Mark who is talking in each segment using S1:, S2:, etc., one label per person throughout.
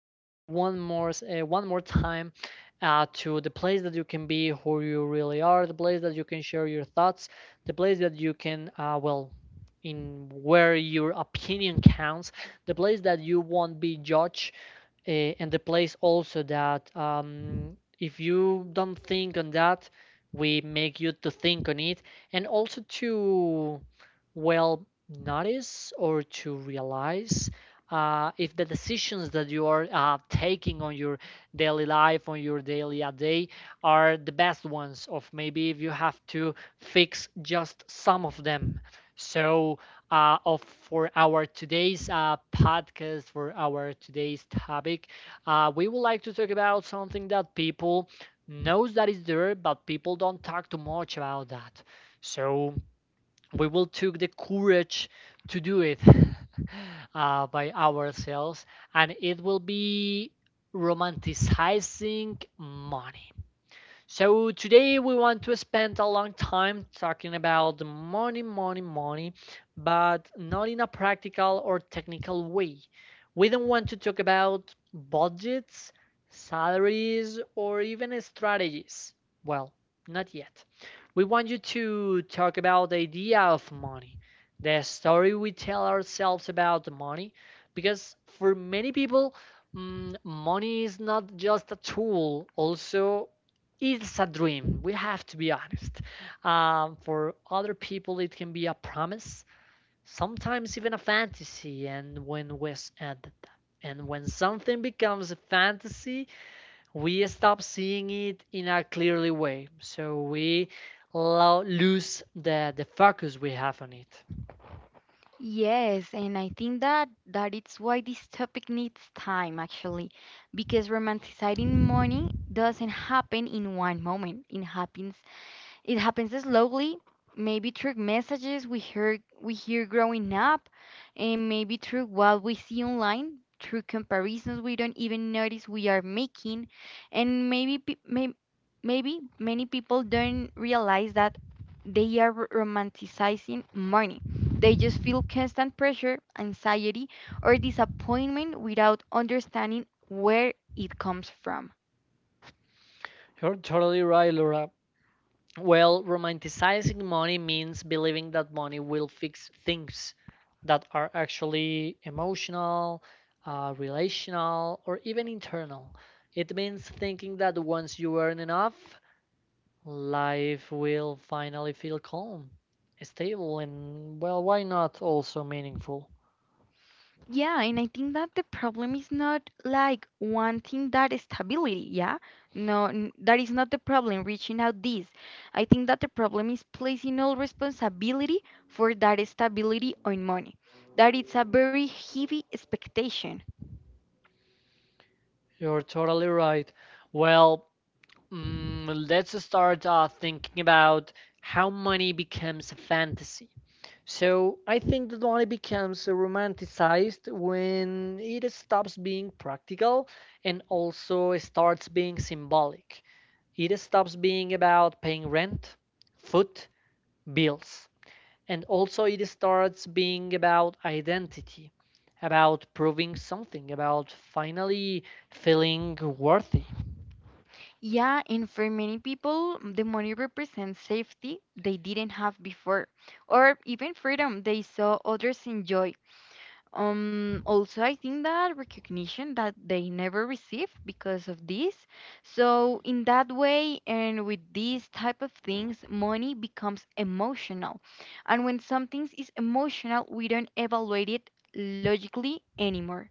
S1: back one more time to the place that you can be who you really are, the place that you can share your thoughts, the place that you can in where your opinion counts, the place that you won't be judged. And the place also that, if you don't think on that, we make you to think on it, and also to well notice or to realize if the decisions that you are taking on your daily life, on your daily a day, are the best ones, of maybe if you have to fix just some of them. So of for our today's topic we would like to talk about something that people knows that is there but people don't talk too much about that, so we will take the courage to do it by ourselves, and it will be romanticizing money. So today we want to spend a long time talking about money, money, money, but not in a practical or technical way. We don't want to talk about budgets, salaries, or even strategies. Well, not yet. We want you to talk about the idea of money, the story we tell ourselves about money, because for many people, money is not just a tool, also it's a dream. We have to be honest. For other people, it can be a promise, sometimes even a fantasy. And when we s- and when something becomes a fantasy, we stop seeing it in a clearly way. So we lose the focus we have on it.
S2: Yes, and I think that it's why this topic needs time actually, because romanticizing money doesn't happen in one moment. It happens slowly, maybe through messages we hear growing up, and maybe through what we see online, through comparisons we don't even notice we are making, and maybe many people don't realize that they are romanticizing money. They just feel constant pressure, anxiety, or disappointment without understanding where it comes from.
S1: You're totally right, Laura. Well, romanticizing money means believing that money will fix things that are actually emotional, relational, or even internal. It means thinking that once you earn enough, life will finally feel calm, stable, and, well, why not also meaningful?
S2: Yeah, and I think that the problem is not like wanting that stability, yeah? No, that is not the problem, reaching out this. I think that the problem is placing all responsibility for that stability on money. That it's a very heavy expectation.
S1: You're totally right. Well, let's start thinking about how money becomes a fantasy. So I think that only becomes romanticized when it stops being practical and also starts being symbolic. It stops being about paying rent, food, bills, and also it starts being about identity, about proving something, about finally feeling worthy.
S2: Yeah, and for many people, the money represents safety they didn't have before, or even freedom they saw others enjoy. Also, I think that recognition that they never receive because of this. So, in that way, and with these type of things, money becomes emotional. And when something is emotional, we don't evaluate it logically anymore.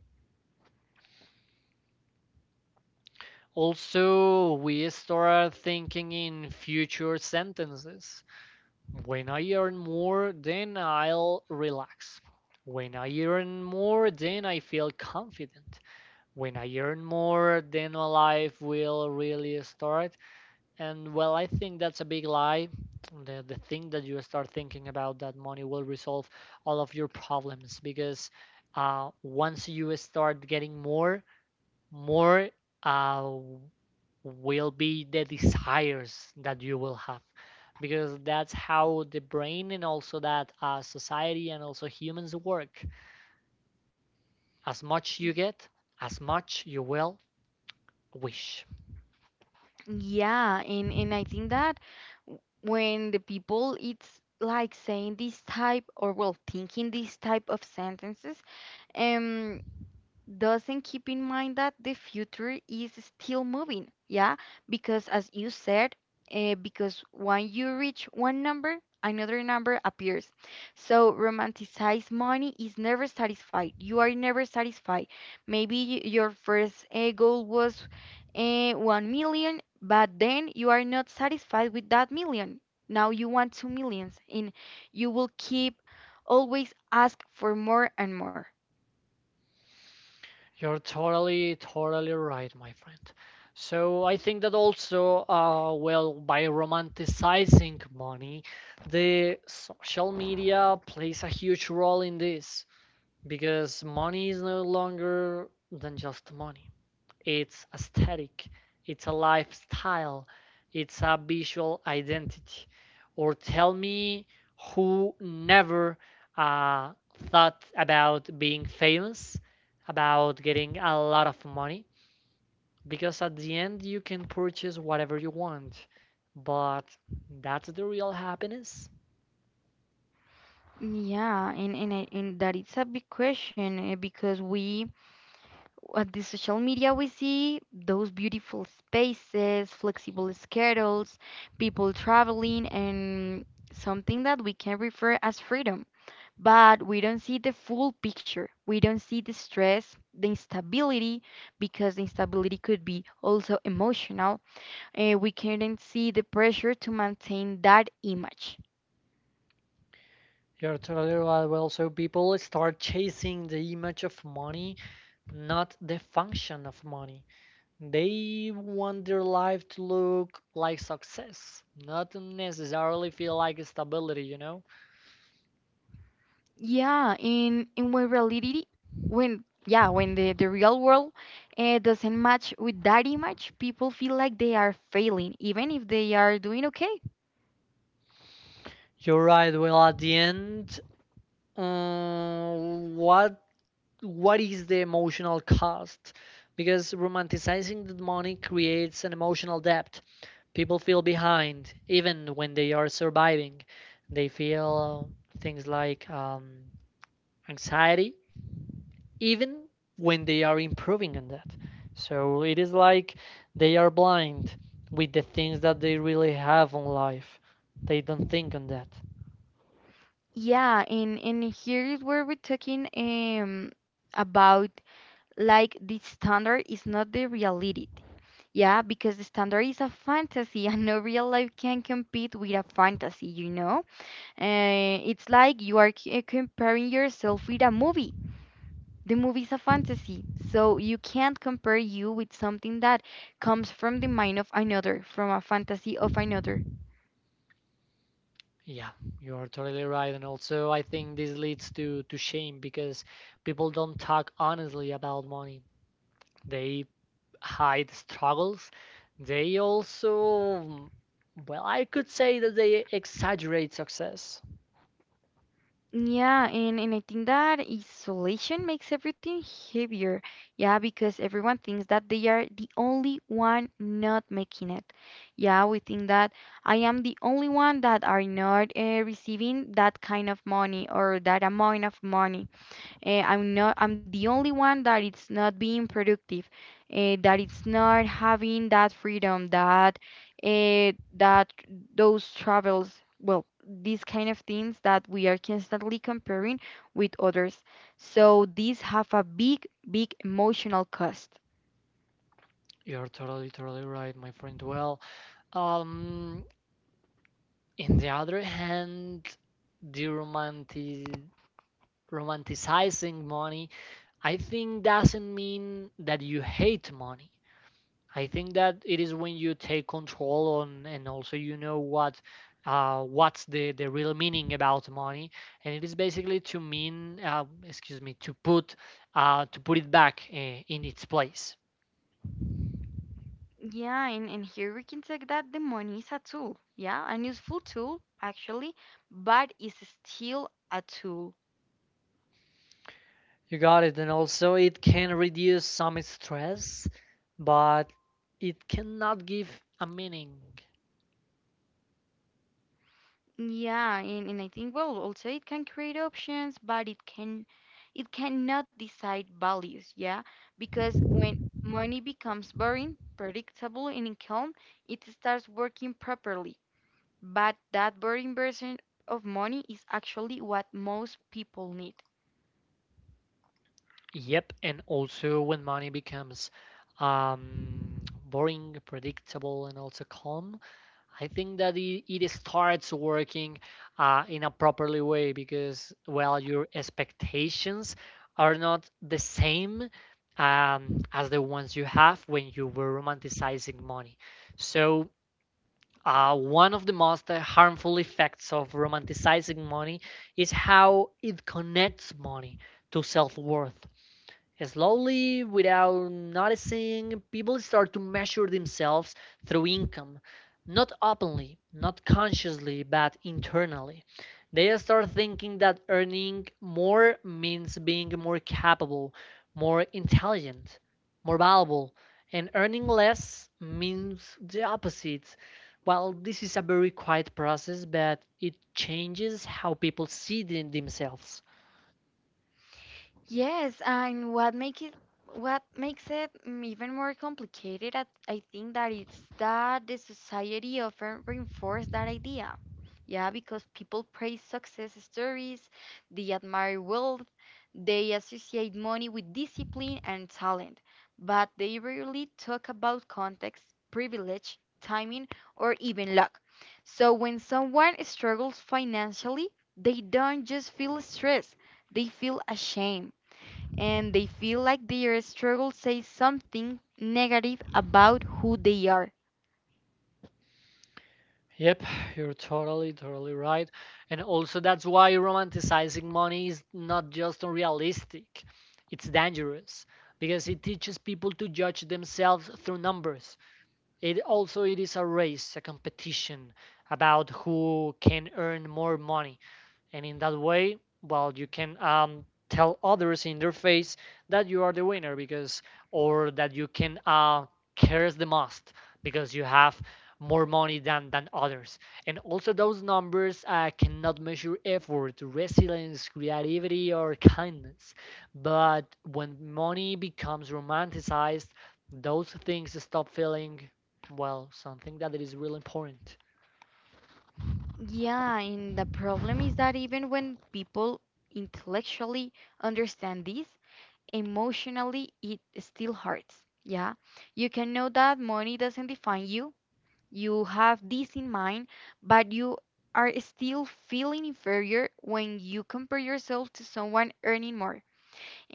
S1: Also, we start thinking in future sentences. When I earn more, then I'll relax. When I earn more, then I feel confident. When I earn more, then my life will really start. And, well, I think that's a big lie. The thing that you start thinking about that money will resolve all of your problems, because once you start getting more, more, uh, will be the desires that you will have, because that's how the brain and also that, society and also humans work. As much you get, as much you will wish.
S2: Yeah, and I think that when the people it's like saying this type or well thinking these type of sentences, um doesn't keep in mind that the future is still moving, yeah? Because as you said, because when you reach one number, another number appears. So romanticize money is never satisfied. You are never satisfied. Maybe your first goal was 1 million, but then you are not satisfied with that million. Now you want 2 millions, and you will keep always ask for more and more.
S1: You're totally totally right, my friend. So I think that also, well, by romanticizing money, the social media plays a huge role in this, because money is no longer than just money. It's aesthetic, it's a lifestyle, it's a visual identity. Or tell me, who never uh, thought about being famous, about getting a lot of money, because at the end you can purchase whatever you want. But that's the real happiness.
S2: Yeah, and and that it's a big question because we at the social media we see those beautiful spaces, flexible schedules, people traveling, and something that we can refer as freedom. But we don't see the full picture. We don't see the stress, the instability, because the instability could be also emotional. We can't see the pressure to maintain that image.
S1: You're totally right. Well, so people start chasing the image of money, not the function of money. They want their life to look like success, not necessarily feel like stability, you know?
S2: Yeah, in when reality, when the real world doesn't match with that image, people feel like they are failing, even if they are doing okay.
S1: You're right. Well, at the end, um, what what is the emotional cost? Because romanticizing the money creates an emotional debt. People feel behind, even when they are surviving. They feel things like, anxiety, even when they are improving on that. So it is like they are blind with the things that they really have in life. They don't think on that.
S2: Yeah, and here is where we're talking about like the standard is not the reality. Yeah, because the standard is a fantasy and no real life can compete with a fantasy, you know? It's like you are comparing yourself with a movie. The movie's a fantasy, so you can't compare you with something that comes from the mind of another, from a fantasy of another.
S1: Yeah, you are totally right. And also, I think this leads to shame because people don't talk honestly about money. They hide struggles. They also, well, I could say that they exaggerate success.
S2: Yeah, and I think that isolation makes everything heavier. Yeah, because everyone thinks that they are the only one not making it. Yeah, we think that I am the only one that are not receiving that kind of money or that amount of money. Eh, I'm not. I'm the only one that it's not being productive, eh, that it's not having that freedom, that eh, that those travels. Well, these kind of things that we are constantly comparing with others. So these have a big, big emotional cost.
S1: You're totally, totally right, my friend. Well, um, in the other hand, the romantic romanticizing money, I think doesn't mean that you hate money. I think that it is when you take control on and also you know what, what's the real meaning about money, and it is basically to mean, excuse me, to put it back in its place.
S2: Yeah, and here we can take that the money is a tool. Yeah, an useful tool actually, but it's still a tool.
S1: You got it. And also it can reduce some stress, but it cannot give a meaning.
S2: Yeah, and I think well also it can create options, but it cannot decide values, yeah? Because when money becomes boring, predictable and calm, it starts working properly. But that boring version of money is actually what most people need.
S1: Yep, and also when money becomes, boring, predictable, and also calm, I think that it starts working in a properly way because, well, your expectations are not the same, as the ones you have when you were romanticizing money. So, one of the most harmful effects of romanticizing money is how it connects money to self worth. Slowly, without noticing, people start to measure themselves through income, not openly, not consciously, but internally. They start thinking that earning more means being more capable, more intelligent, more valuable, and earning less means the opposite. Well, this is a very quiet process, but it changes how people see themselves.
S2: Yes, and what makes it even more complicated, I think that it's that the society often reinforces that idea. Yeah, because people praise success stories, they admire wealth, they associate money with discipline and talent, but they rarely talk about context, privilege, timing, or even luck. So when someone struggles financially, they don't just feel stress, they feel ashamed and they feel like their struggle says something negative about who they are.
S1: Yep, you're totally, totally right. And also, that's why romanticizing money is not just unrealistic, it's dangerous, because it teaches people to judge themselves through numbers. It also it is a race, a competition about who can earn more money, and in that way, well, you can, tell others in their face that you are the winner, because or that you can, cares the most because you have more money than others. And also those numbers cannot measure effort, resilience, creativity, or kindness. But when money becomes romanticized, those things stop feeling well something that it is really important.
S2: Yeah, and the problem is that even when people intellectually understand this, emotionally it still hurts. Yeah, you can know that money doesn't define you, you have this in mind, but you are still feeling inferior when you compare yourself to someone earning more.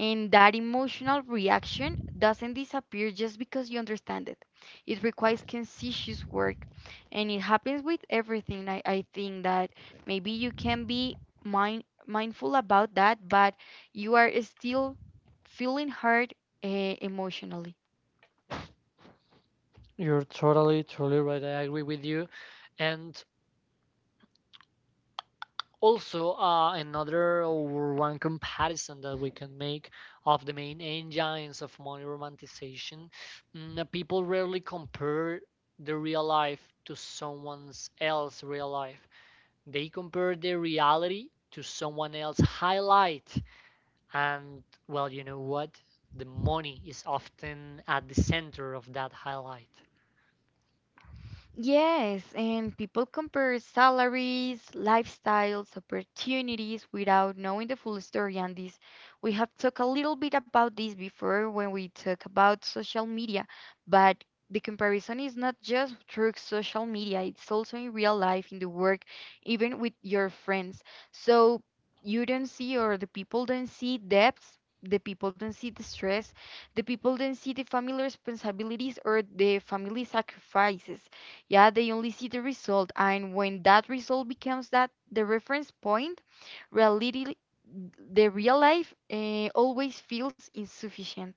S2: And that emotional reaction doesn't disappear just because you understand it. It requires conscious work. And it happens with everything. I think that maybe you can be mindful about that, but you are still feeling hurt emotionally.
S1: You're totally totally right, I agree with you. And also, another or one comparison that we can make of the main engines of money romanticization, people rarely compare the real life to someone else's real life. They compare their reality to someone else's highlight. And, well, you know what? The money is often at the center of that highlight.
S2: Yes, and people compare salaries, lifestyles, opportunities without knowing the full story. And this, we have talked a little bit about this before when we talk about social media, but the comparison is not just through social media, it's also in real life, in the work, even with your friends. So you don't see, or the people don't see debts. The people don't see the stress, the people don't see the family responsibilities or the family sacrifices. Yeah, they only see the result, and when that result becomes that the reference point, reality, the real life always feels insufficient.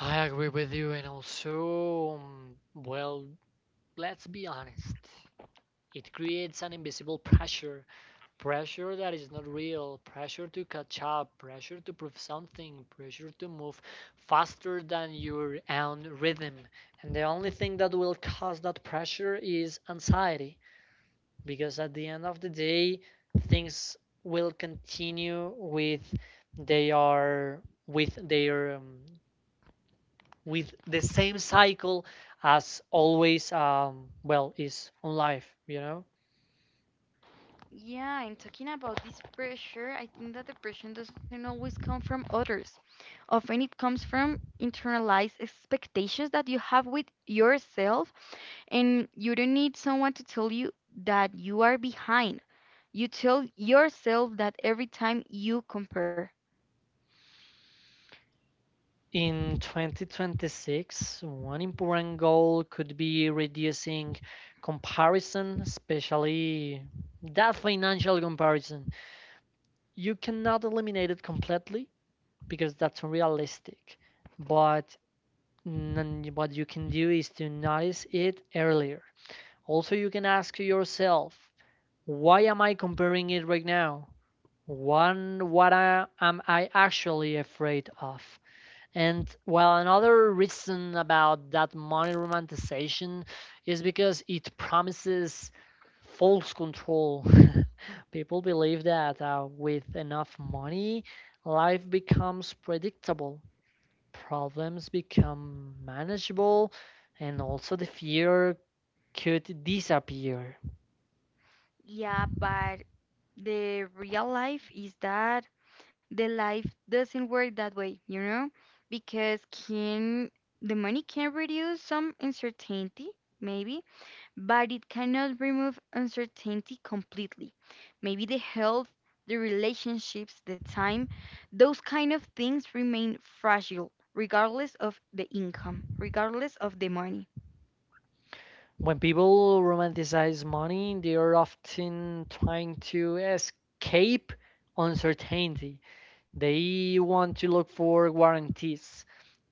S1: I agree with you, and also, well, let's be honest. It creates an invisible pressure, pressure that is not real, pressure to catch up, pressure to prove something, pressure to move faster than your own rhythm. And the only thing that will cause that pressure is anxiety, because at the end of the day, things will continue with they are with their, with the same cycle as always, well, is on life, you know.
S2: Yeah, and talking about this pressure, I think that depression doesn't always come from others. Often it comes from internalized expectations that you have with yourself, and you don't need someone to tell you that you are behind. You tell yourself that every time you compare.
S1: In 2026, one important goal could be reducing comparison, especially that financial comparison. You cannot eliminate it completely because that's unrealistic, but what you can do is to notice it earlier. Also, you can ask yourself, why am I comparing it right now? One, am I actually afraid of? And, well, another reason about that money romanticization is because it promises false control. People believe that, with enough money, life becomes predictable, problems become manageable, and also the fear could disappear.
S2: Yeah, but the real life is that the life doesn't work that way, you know? Because can the money can reduce some uncertainty, maybe, but it cannot remove uncertainty completely. Maybe the health, the relationships, the time, those kind of things remain fragile regardless of the income, regardless of the money.
S1: When people romanticize money, they are often trying to escape uncertainty. They want to look for guarantees,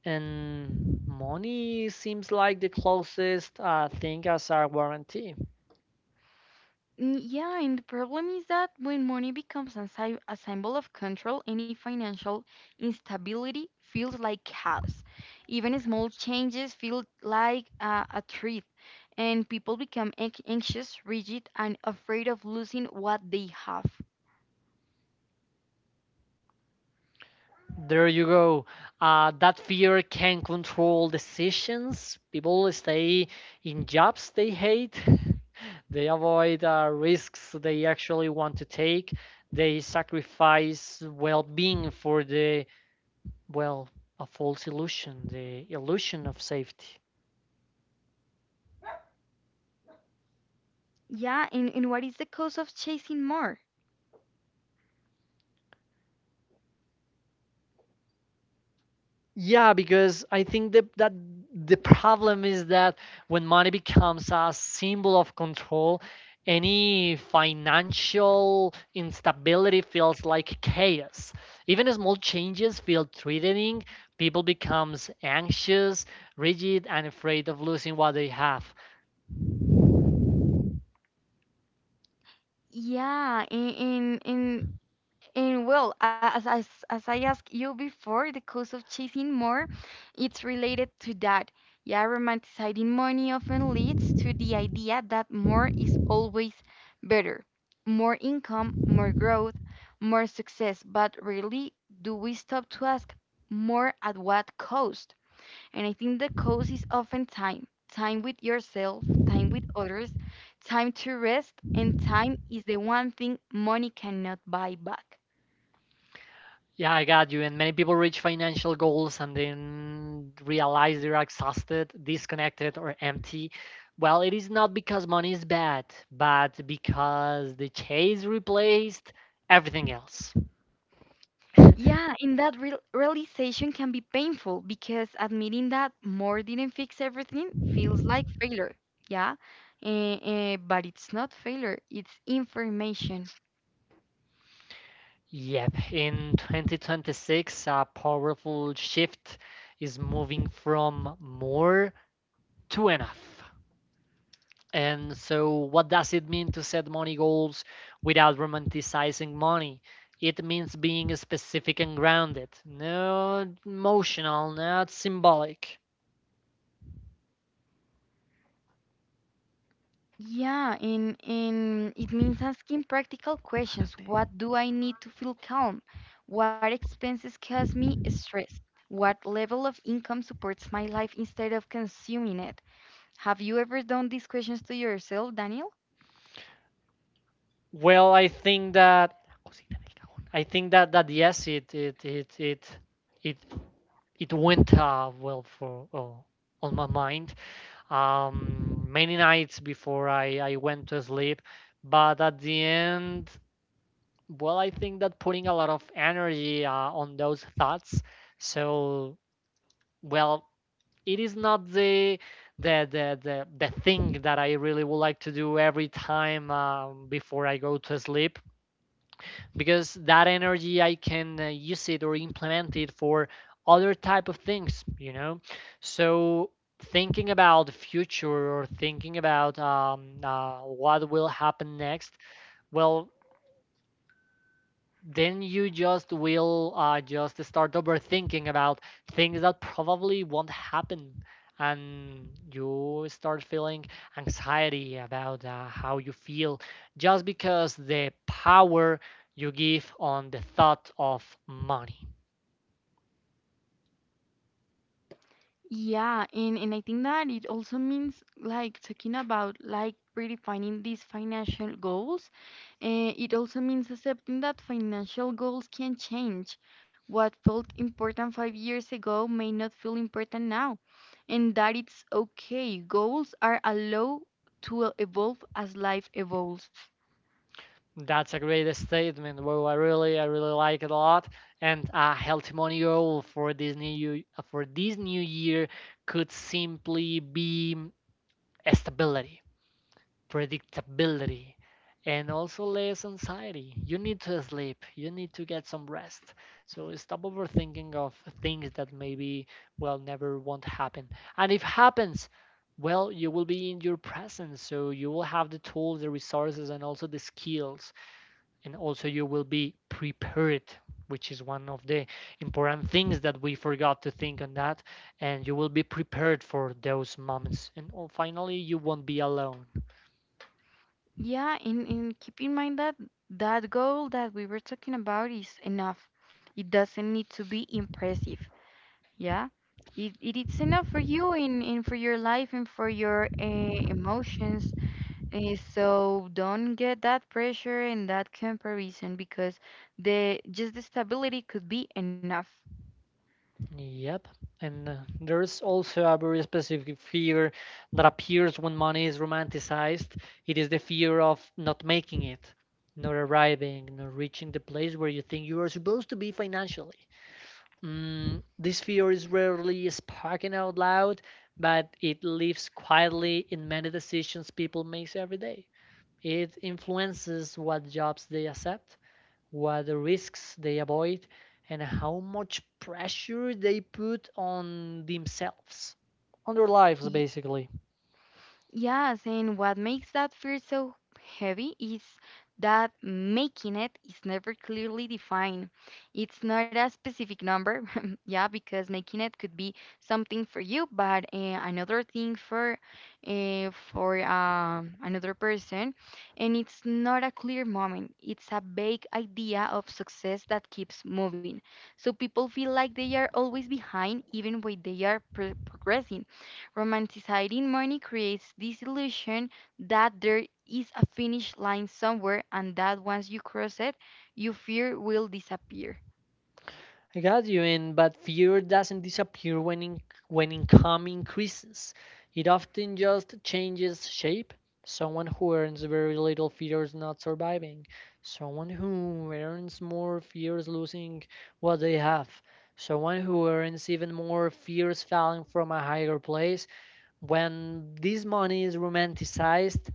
S1: and money seems like the closest thing as a guarantee.
S2: Yeah, and the problem is that when money becomes a, a symbol of control, any financial instability feels like chaos. Even small changes feel like a threat, and people become anxious, rigid, and afraid of losing what they have.
S1: There you go. That fear can control decisions. People stay in jobs they hate. They avoid risks they actually want to take. They sacrifice well being for well, a false illusion, the illusion of safety.
S2: Yeah, and what is the cost of chasing more?
S1: Yeah, because I think that the problem is that when money becomes a symbol of control, any financial instability feels like chaos. Even small changes feel threatening. People becomes anxious, rigid, and afraid of losing what they have.
S2: Yeah, and well, as I asked you before, the cost of chasing more, it's related to that. Yeah, romanticizing money often leads to the idea that more is always better. More income, more growth, more success. But really, do we stop to ask more at what cost? And I think the cost is often time. Time with yourself, time with others, time to rest, and time is the one thing money cannot buy back.
S1: Yeah, I got you. And many people reach financial goals and then realize they're exhausted, disconnected, or empty. Well, it is not because money is bad, but because the chase replaced everything else.
S2: Yeah, and that realization can be painful because admitting that more didn't fix everything feels like failure. Yeah, but it's not failure, it's information.
S1: Yep, in 2026, a powerful shift is moving from more to enough. And so, what does it mean to set money goals without romanticizing money? It means being specific and grounded, not emotional, not symbolic.
S2: Yeah, and it means asking practical questions. What do I need to feel calm? What expenses cause me stress? What level of income supports my life instead of consuming it? Have you ever done these questions to yourself, Daniel?
S1: Well, I think that yes, it it went, well, for oh, on my mind, many nights before I went to sleep, but at the end well, I think that putting a lot of energy on those thoughts. So, well, it is not the the thing that I really would like to do every time before I go to sleep, because that energy I can use it or implement it for other type of things. So, thinking about the future or thinking about what will happen next, well, then you just will just start overthinking about things that probably won't happen, and you start feeling anxiety about how you feel, just because the power you give on the thought of money.
S2: Yeah, and I think that it also means like talking about like redefining these financial goals. It also means accepting that financial goals can change. What felt important 5 years ago may not feel important now, and that it's okay. Goals are allowed to evolve as life evolves.
S1: That's a great statement. Well, I really like it a lot, and a healthy money goal for this new year could simply be stability, predictability, and also less anxiety. You need to sleep, you need to get some rest. So stop overthinking of things that maybe, well, never won't happen. And if happens, well, you will be in your presence, so you will have the tools, the resources, and also the skills, and also you will be prepared, which is one of the important things that we forgot to think on that, and you will be prepared for those moments, and finally, you won't be alone.
S2: Yeah, and keep in mind that that goal that we were talking about is enough. It doesn't need to be impressive. Yeah, it is enough for you in for your life and for your emotions. So don't get that pressure and that comparison because the stability could be enough.
S1: Yep. And there is also a very specific fear that appears when money is romanticized. It is the fear of not making it, not arriving, not reaching the place where you think you are supposed to be financially. Mm, this fear is rarely spoken out loud, but it lives quietly in many decisions people make every day. It influences what jobs they accept, what the risks they avoid, and how much pressure they put on themselves, on their lives basically.
S2: Yes, and what makes that fear so heavy is that making it is never clearly defined. It's not a specific number, yeah, because making it could be something for you, but another thing for another person, and it's not a clear moment. It's a vague idea of success that keeps moving. So people feel like they are always behind, even when they are progressing. Romanticizing money creates this illusion that there is a finish line somewhere and that once you cross it, your fear will disappear.
S1: I got you in, but fear doesn't disappear when income increases. It often just changes shape. Someone who earns very little fears not surviving. Someone who earns more fears losing what they have. Someone who earns even more fears falling from a higher place. When this money is romanticized,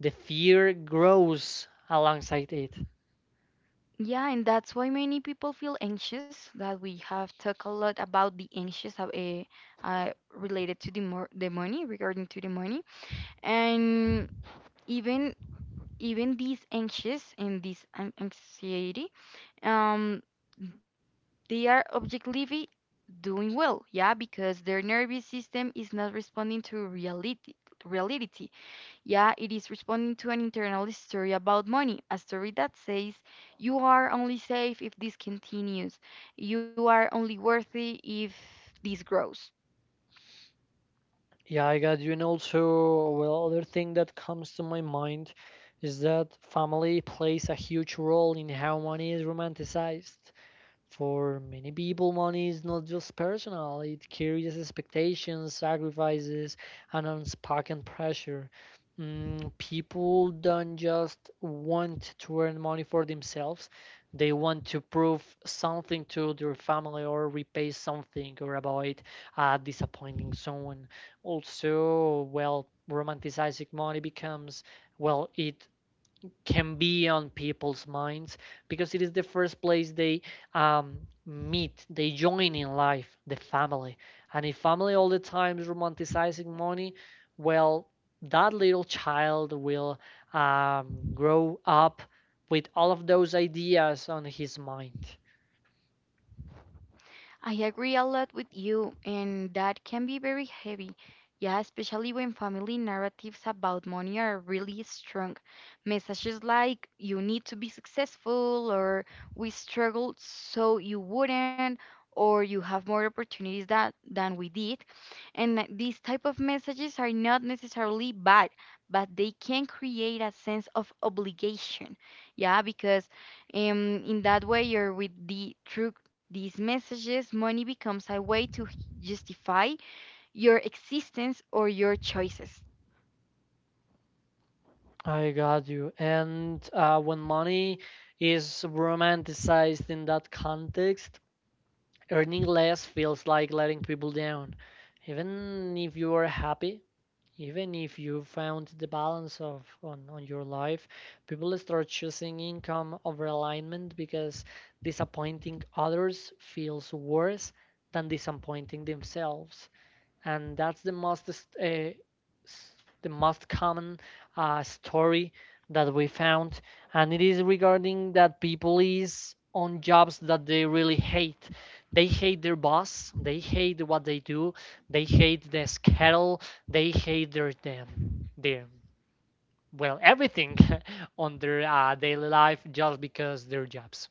S1: the fear grows alongside it.
S2: Yeah, and that's why many people feel anxious. That we have talked a lot about the anxious of a related to the money regarding to the money, and even even these anxious and this anxiety, um, they are objectively doing well, yeah, because their nervous system is not responding to reality. Reality, yeah, it is responding to an internal story about money, a story that says you are only safe if this continues, you are only worthy if this grows.
S1: Yeah, I got you. And also, well, other thing that comes to my mind is that family plays a huge role in how money is romanticized. For many people, money is not just personal, it carries expectations, sacrifices, and unspoken pressure. Mm, people don't just want to earn money for themselves, they want to prove something to their family, or repay something, or avoid disappointing someone. Also, well, romanticizing money becomes, well, it can be on people's minds because it is the first place they um, meet, they join in life, the family. And if family all the time is romanticizing money, well, that little child will grow up with all of those ideas on his mind.
S2: I agree a lot with you, and that can be very heavy. Yeah, especially when family narratives about money are really strong. Messages like, you need to be successful, or we struggled so you wouldn't, or you have more opportunities that, than we did. And that these type of messages are not necessarily bad, but they can create a sense of obligation. Yeah, because in that way, you're with the through these messages, money becomes a way to justify your existence or your choices.
S1: I got you. And when money is romanticized in that context, earning less feels like letting people down, even if you are happy. Even if you found the balance on your life, people start choosing income over alignment because disappointing others feels worse than disappointing themselves, and that's uh, the most common story that we found, and it is regarding that people is on jobs that they really hate. They hate their boss, they hate what they do, they hate the schedule, they hate their, well, everything on their daily life, just because their jobs.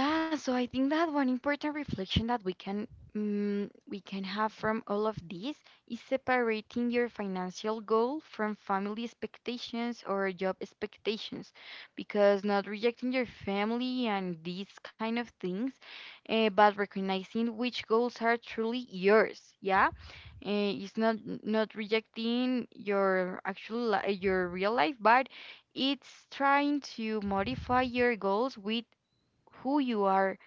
S2: Yeah, so I think that one important reflection that we can have from all of this is separating your financial goal from family expectations or job expectations, because not rejecting your family and these kind of things, but recognizing which goals are truly yours. Yeah, it's not not rejecting your actual your real life, but it's trying to modify your goals with who you are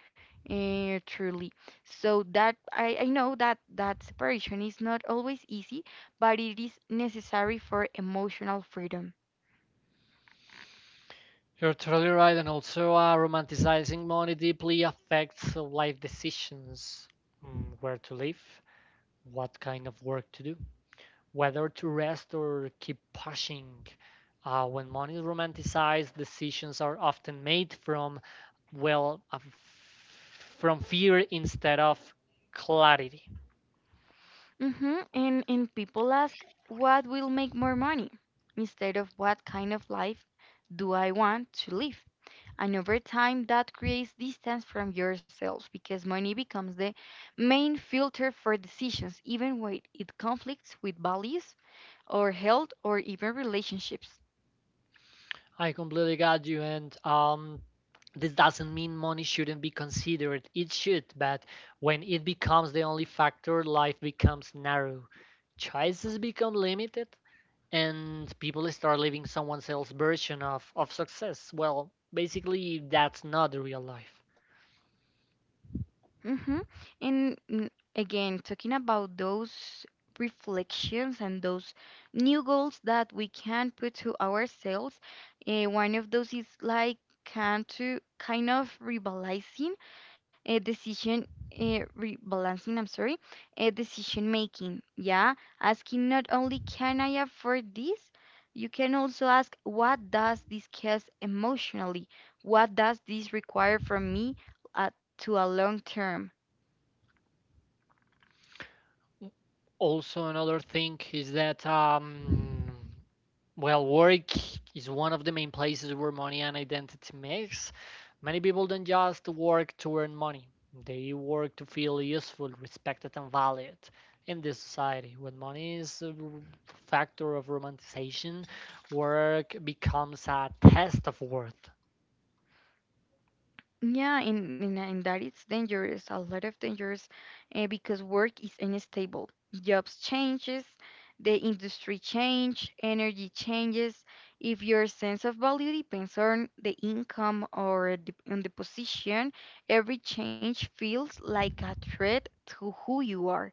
S2: truly. So that I know that that separation is not always easy, but it is necessary for emotional freedom.
S1: You're totally right, and also romanticizing money deeply affects life decisions. Mm, where to live, what kind of work to do, whether to rest or keep pushing. When money is romanticized, decisions are often made from, well, from fear instead of clarity.
S2: Hmm. And people ask, what will make more money? Instead of what kind of life do I want to live? And over time, that creates distance from yourselves because money becomes the main filter for decisions, even when it conflicts with values or health or even relationships.
S1: I completely got you, and this doesn't mean money shouldn't be considered. It should, but when it becomes the only factor, life becomes narrow. Choices become limited, and people start living someone else's version of success. Well, basically, that's not the real life.
S2: Mm-hmm. And again, talking about those reflections and those new goals that we can put to ourselves, eh, one of those is like can to kind of rebalancing a decision. Rebalancing, I'm sorry, a decision making. Yeah, asking not only can I afford this, you can also ask what does this cause emotionally? What does this require from me to a long term?
S1: Mm, also, another thing is that well, work is one of the main places where money and identity mix. Many people don't just work to earn money, they work to feel useful, respected, and valued in this society. When money is a factor of romanticization, work becomes a test of worth.
S2: Yeah, and that it's dangerous, a lot of dangerous, because work is unstable. Jobs changes, the industry change, energy changes. If your sense of value depends on the income or on the position, every change feels like a threat to who you are.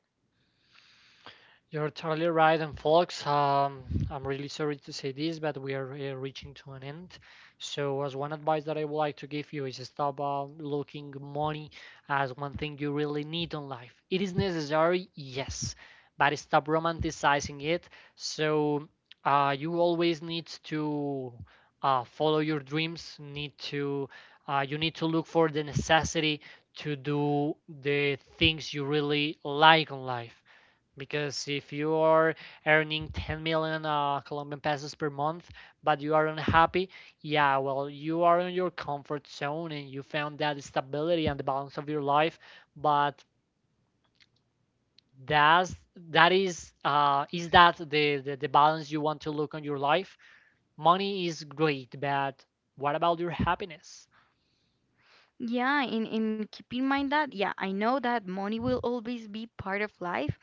S1: You're totally right, and folks, I'm really sorry to say this, but we are reaching to an end. So, as one advice that I would like to give you, is stop looking money as one thing you really need in life. It is necessary, yes, but stop romanticizing it. So, you always need to follow your dreams. Need to you need to look for the necessity to do the things you really like in life, because if you are earning 10 million Colombian pesos per month, but you are unhappy, yeah, well, you are in your comfort zone and you found that stability and the balance of your life. But that's that is that the the balance you want to look on your life? Money is great, but what about your happiness?
S2: Yeah, and keep in mind that, yeah, I know that money will always be part of life,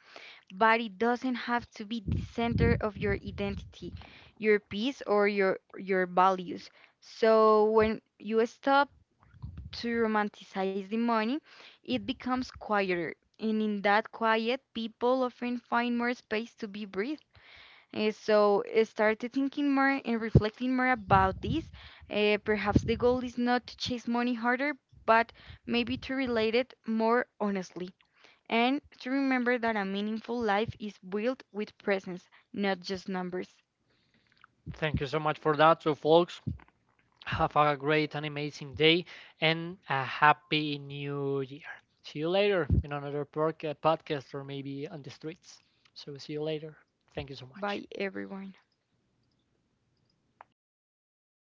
S2: but it doesn't have to be the center of your identity, your peace or your values. So when you stop to romanticize the money, it becomes quieter. And in that quiet, people often find more space to be breathed. Start to thinking more and reflecting more about this. Perhaps the goal is not to chase money harder, but maybe to relate it more honestly and to remember that a meaningful life is built with presence, not just numbers,
S1: Thank you so much for that. So, folks, have a great and amazing day, and a happy new year. See you later in another podcast, or maybe on the streets. So, see you later. Thank you so much.
S2: by everyone.